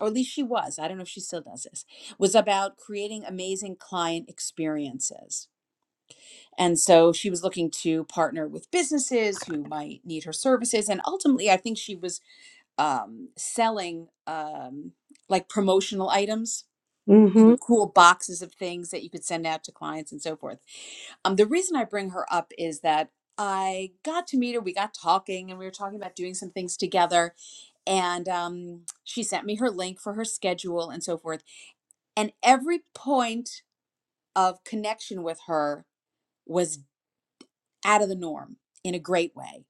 or at least she was, I don't know if she still does this, was about creating amazing client experiences. And so she was looking to partner with businesses who might need her services. And ultimately, I think she was um, selling um, like promotional items, you know,
Mhm.
cool boxes of things that you could send out to clients and so forth. Um, the reason I bring her up is that I got to meet her. We got talking and we were talking about doing some things together. And um, she sent me her link for her schedule and so forth. And every point of connection with her was out of the norm in a great way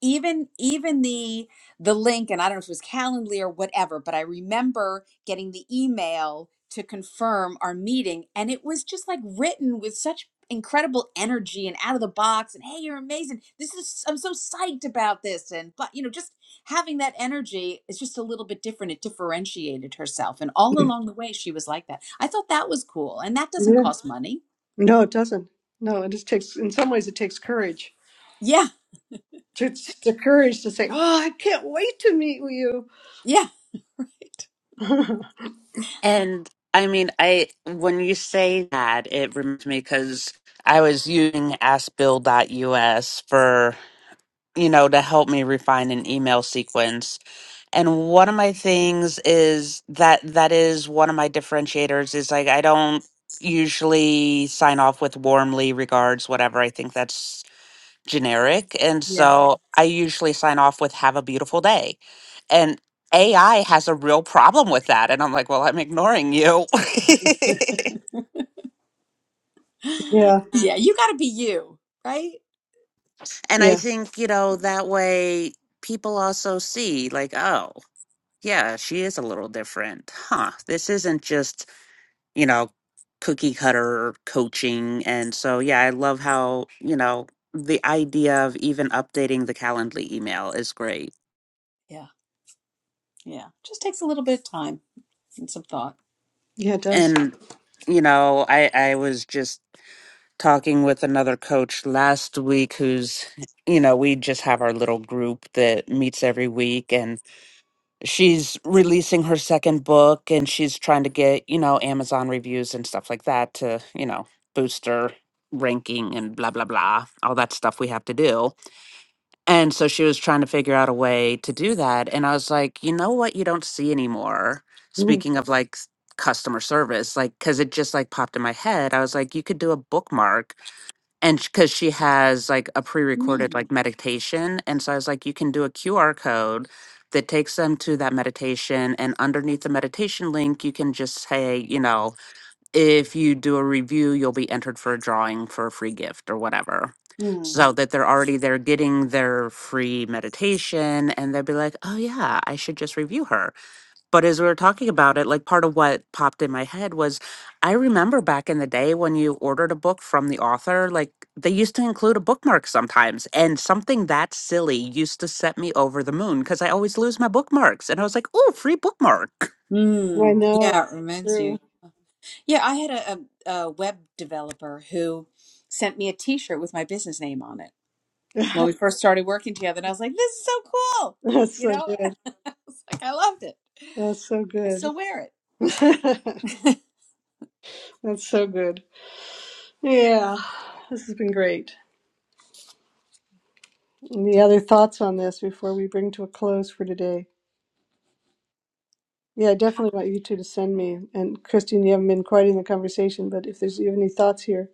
even even the the link and i don't know if it was calendly or whatever but i remember getting the email to confirm our meeting and it was just like written with such incredible energy and out of the box and hey you're amazing this is i'm so psyched about this and but you know just having that energy is just a little bit different it differentiated herself and all along the way she was like that i thought that was cool and that doesn't
Yeah.
cost money
No, it doesn't. No, it just takes in some ways it takes courage.
yeah
It's the courage to say, "Oh, I can't wait to meet with you."
yeah right
And I mean, I when you say that, it reminds me because I was using AskBill.us for you know to help me refine an email sequence and one of my things is that that is one of my differentiators is like i don't usually sign off with warmly regards whatever i think that's generic and
yeah
so i usually sign off with have a beautiful day and ai has a real problem with that and i'm like well i'm ignoring you
yeah.
yeah you got to be you right
and i
Yeah.
think you know that way people also see like oh yeah she is a little different huh this isn't just you know, cookie cutter coaching. And so, yeah, I love how, you know, the idea of even updating the Calendly email is great.
yeah Yeah, just takes a little bit of time and some thought.
Yeah, it does.
And, you know, I, I was just talking with another coach last week who's, you know, we just have our little group that meets every week and she's releasing her second book and she's trying to get, you know, Amazon reviews and stuff like that to, you know, boost her ranking and blah, blah, blah, all that stuff we have to do And so she was trying to figure out a way to do that. And I was like, you know what? You don't see anymore.
Mm.
Speaking of like s- customer service, like, cause it just like popped in my head. I was like, you could do a bookmark. And sh- cause she has like a pre recorded
Mm.
like meditation. And so I was like, you can do a QR code that takes them to that meditation. And underneath the meditation link, you can just say, you know, if you do a review, you'll be entered for a drawing for a free gift or whatever.
Mm.
So that they're already there getting their free meditation and they'll be like, oh yeah, I should just review her. But as we were talking about it, like part of what popped in my head was I remember back in the day when you ordered a book from the author, like they used to include a bookmark sometimes. And something that silly used to set me over the moon because I always lose my bookmarks. And I was like, oh, free bookmark.
I
Mm.
know.
Yeah, it reminds you.
True.
Yeah, I had a, a, a web developer who sent me a T-shirt with my business name on it when we first started working together, and I was like, "This is so cool!"
That's
You
so
know, I
good.
was like, I loved it.
That's so
I
good.
still wear it.
That's so good. Yeah, this has been great. Any other thoughts on this before we bring to a close for today? Yeah, I definitely want you two to send me. And Christine, you haven't been quite in the conversation, but if there's you have any thoughts here,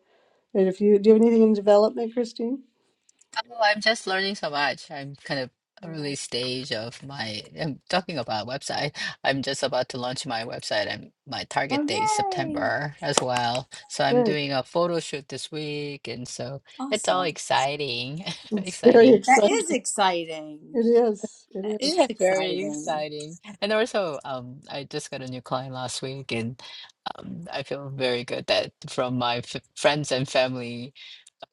and if you do you have anything in development, Christine?
oh, I'm just learning so much. I'm kind of
Yeah.
early stage of my, I'm talking about website. I'm just about to launch my website and my
Oh,
target date is
yay!
September as well. So I'm
Sure.
doing a photo shoot this week and so it's all
Awesome.
exciting,
It's very
exciting.
That
exciting.
is exciting.
It is.
That
It is.
is
Very
exciting.
exciting. And also, um, I just got a new client last week, and um, I feel very good that from my f friends and family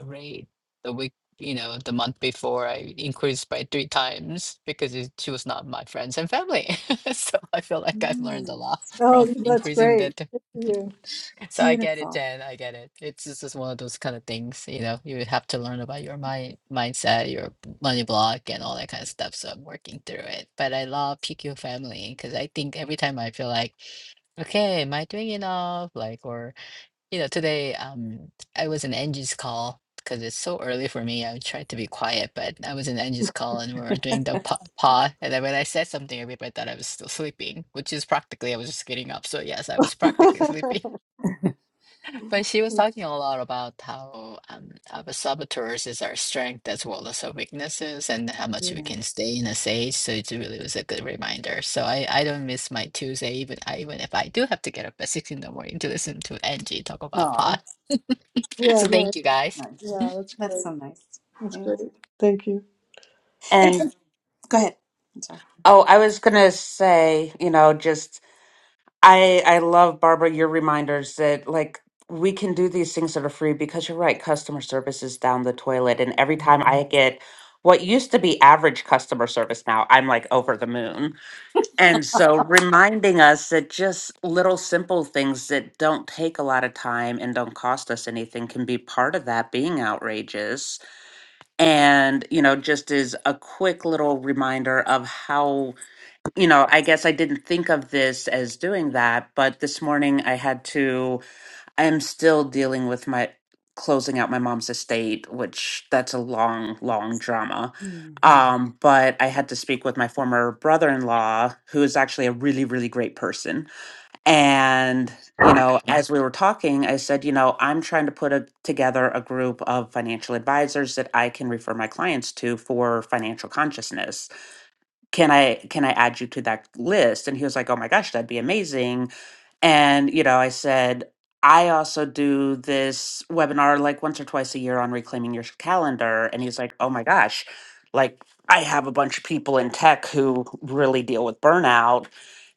rate the week, you know, the month before I increased by three times because it, she was not my friends and family. so I feel like I've learned a
Nice.
lot from
Oh, that's
Beautiful.
increasing
great.
that.
Good for you.
so I get it,
Beautiful.
Jen. I get it. It's just it's one of those kind of things, you know, you have to learn about your mind mindset, your money block and all that kind of stuff. So I'm working through it. But I love PQ family because I think every time I feel like, okay, am I doing enough? Like or you know, today um, I was in Angie's call because it's so early for me. I tried to be quiet, but I was in Angie's call and we were doing the paw. paw and then when I said something, everybody thought I was still sleeping, which is practically I was just getting up. So yes, I was practically sleeping. But she was talking a lot about how um, our sabotages are strength as well as our weaknesses, and how much
yeah,
we
Yeah.
can stay in a stage. So it really was a good reminder. So I, I don't miss my Tuesday, even I, even if I do have to get up at six in the morning to listen to Angie talk about
Aw.
pot. so
no,
thank you guys.
Nice.
yeah, that's
That's
great.
so nice.
That's
Yeah.
great. Thank you.
And,
and
and- go ahead. I'm sorry.
Oh, I was gonna say, you know, just I I love Barbara your reminders that like we can do these things that are free because you're right, customer service is down the toilet and every time I get what used to be average customer service now, I'm like over the moon. And so reminding us that just little simple things that don't take a lot of time and don't cost us anything can be part of that being outrageous. And, you know, just is a quick little reminder of how you know, I guess I didn't think of this as doing that, but this morning I had to, I'm still dealing with my closing out my mom's estate, which that's a long, long drama.
Mm,
Um, but I had to speak with my former brother in law, who is actually a really, really great person. And, you know, Yeah. as we were talking, I said, you know, I'm trying to put a, together a group of financial advisors that I can refer my clients to for financial consciousness can i can i add you to that list and he was like oh my gosh that'd be amazing and you know i said i also do this webinar like once or twice a year on reclaiming your calendar and he's like oh my gosh like i have a bunch of people in tech who really deal with burnout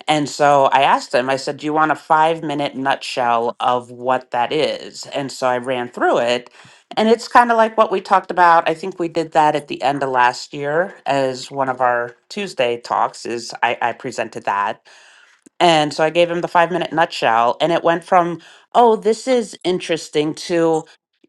and so I asked him, I said, Do you want a five minute nutshell of what that is? And so I ran through it. And it's kind of like what we talked about. I think we did that at the end of last year as one of our Tuesday talks is I, I presented that and so I gave him the five minute nutshell, and it went from, oh, this is interesting to,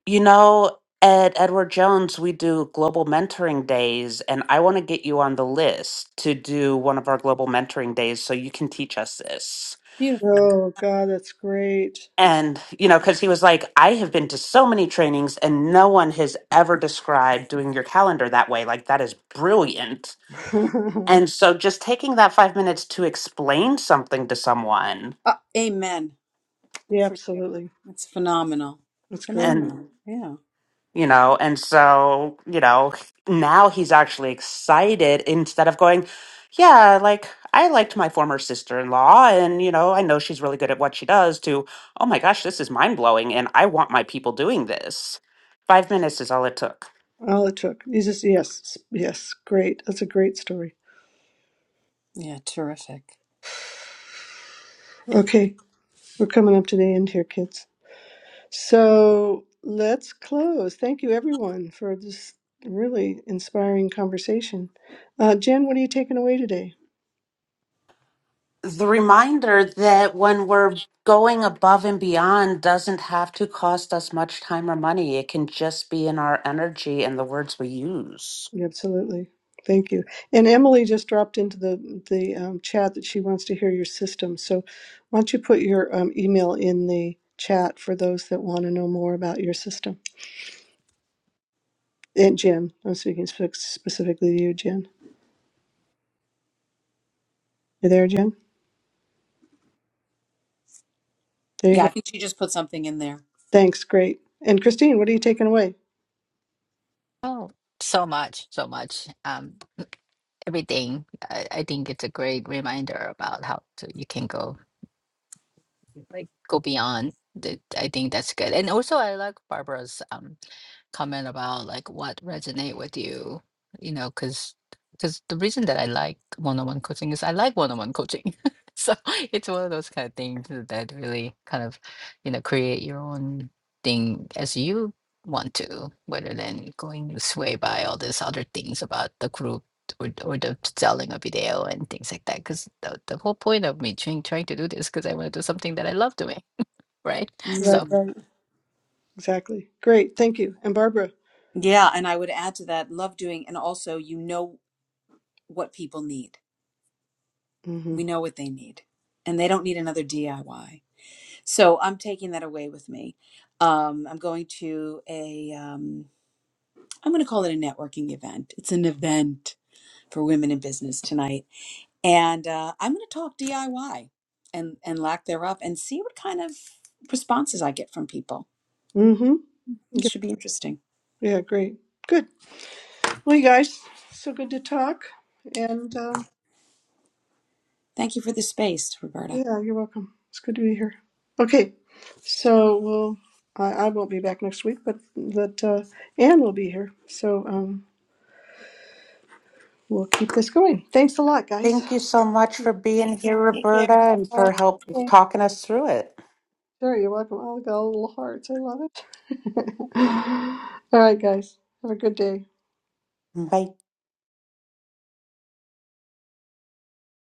you know, at Edward Jones, we do global mentoring days, and I want to get you on the list to do one of our global mentoring days so you can teach us this.
beautiful.
Oh God, that's great.
And, you know, because he was like, I have been to so many trainings and no one has ever described doing your calendar that way. Like, that is brilliant. And so just taking that five minutes to explain something to someone
Uh, amen. Good
yeah,
for you.
absolutely.
That's phenomenal.
That's great.
and.
Phenomenal. Yeah.
you know and so you know now he's actually excited instead of going yeah like i liked my former sister-in-law and you know i know she's really good at what she does to oh my gosh this is mind-blowing and i want my people doing this five minutes is all it took
All it took. Jesus, yes, yes, great. That's a great story.
Yeah. Terrific.
Okay, we're coming up to the end here, kids. So let's close. Thank you, everyone, for this really inspiring conversation. Uh, Jen, what are you taking away today?
the reminder that when we're going above and beyond doesn't have to cost us much time or money. It can just be in our energy and the words we use.
Absolutely. Thank you. And Emily just dropped into the the um, chat that she wants to hear your system. So why don't you put your um, email in the chat for those that want to know more about your system? And Jen, I'm speaking spe- specifically to you, Jen. You there, Jen? There you
Yeah. I
go.
think she just put something in there.
Thanks. Great. And Christine, what are you taking away?
Oh, so much, so much. Um, everything. I, I think it's a great reminder about how to, you can go. like go beyond. that- I think that's good. And also I like Barbara's um comment about like what resonate with you you know because because the reason that i like one-on-one coaching is i like one-on-one coaching so it's one of those kind of things that really kind of you know create your own thing as you want to rather than going sway by all these other things about the group or, or the selling a video and things like that because the, the whole point of me trying, trying to do this because i want to do something that i love doing right so
Right,
Mm.
right. Exactly. Great. Thank you. And Barbara.
Yeah. And I would add to that love doing, and also, you know what people need.
Mm-hmm.
We know what they need, and they don't need another DIY. So I'm taking that away with me. Um, I'm going to a, um, I'm going to call it a networking event. It's an event for women in business tonight, and uh, I'm going to talk DIY and and lack thereof, and see what kind of responses I get from people.
Mm-hmm.
It
Yep.
should be interesting.
Yeah, great. Good. Well, you guys, so good to talk. And um,
Thank you for the space, Roberta.
yeah, you're welcome. It's good to be here. Okay, so we'll, I, I won't be back next week, but, but uh, Anne will be here. So um, we'll keep this going. Thanks a lot, guys.
Thank you so much
See
for being here, Roberta, and
you
for help
all.
talking us through it.
Sure, you're welcome. Oh, look at all the little hearts. I love it. All right, guys. Have a good day.
Bye.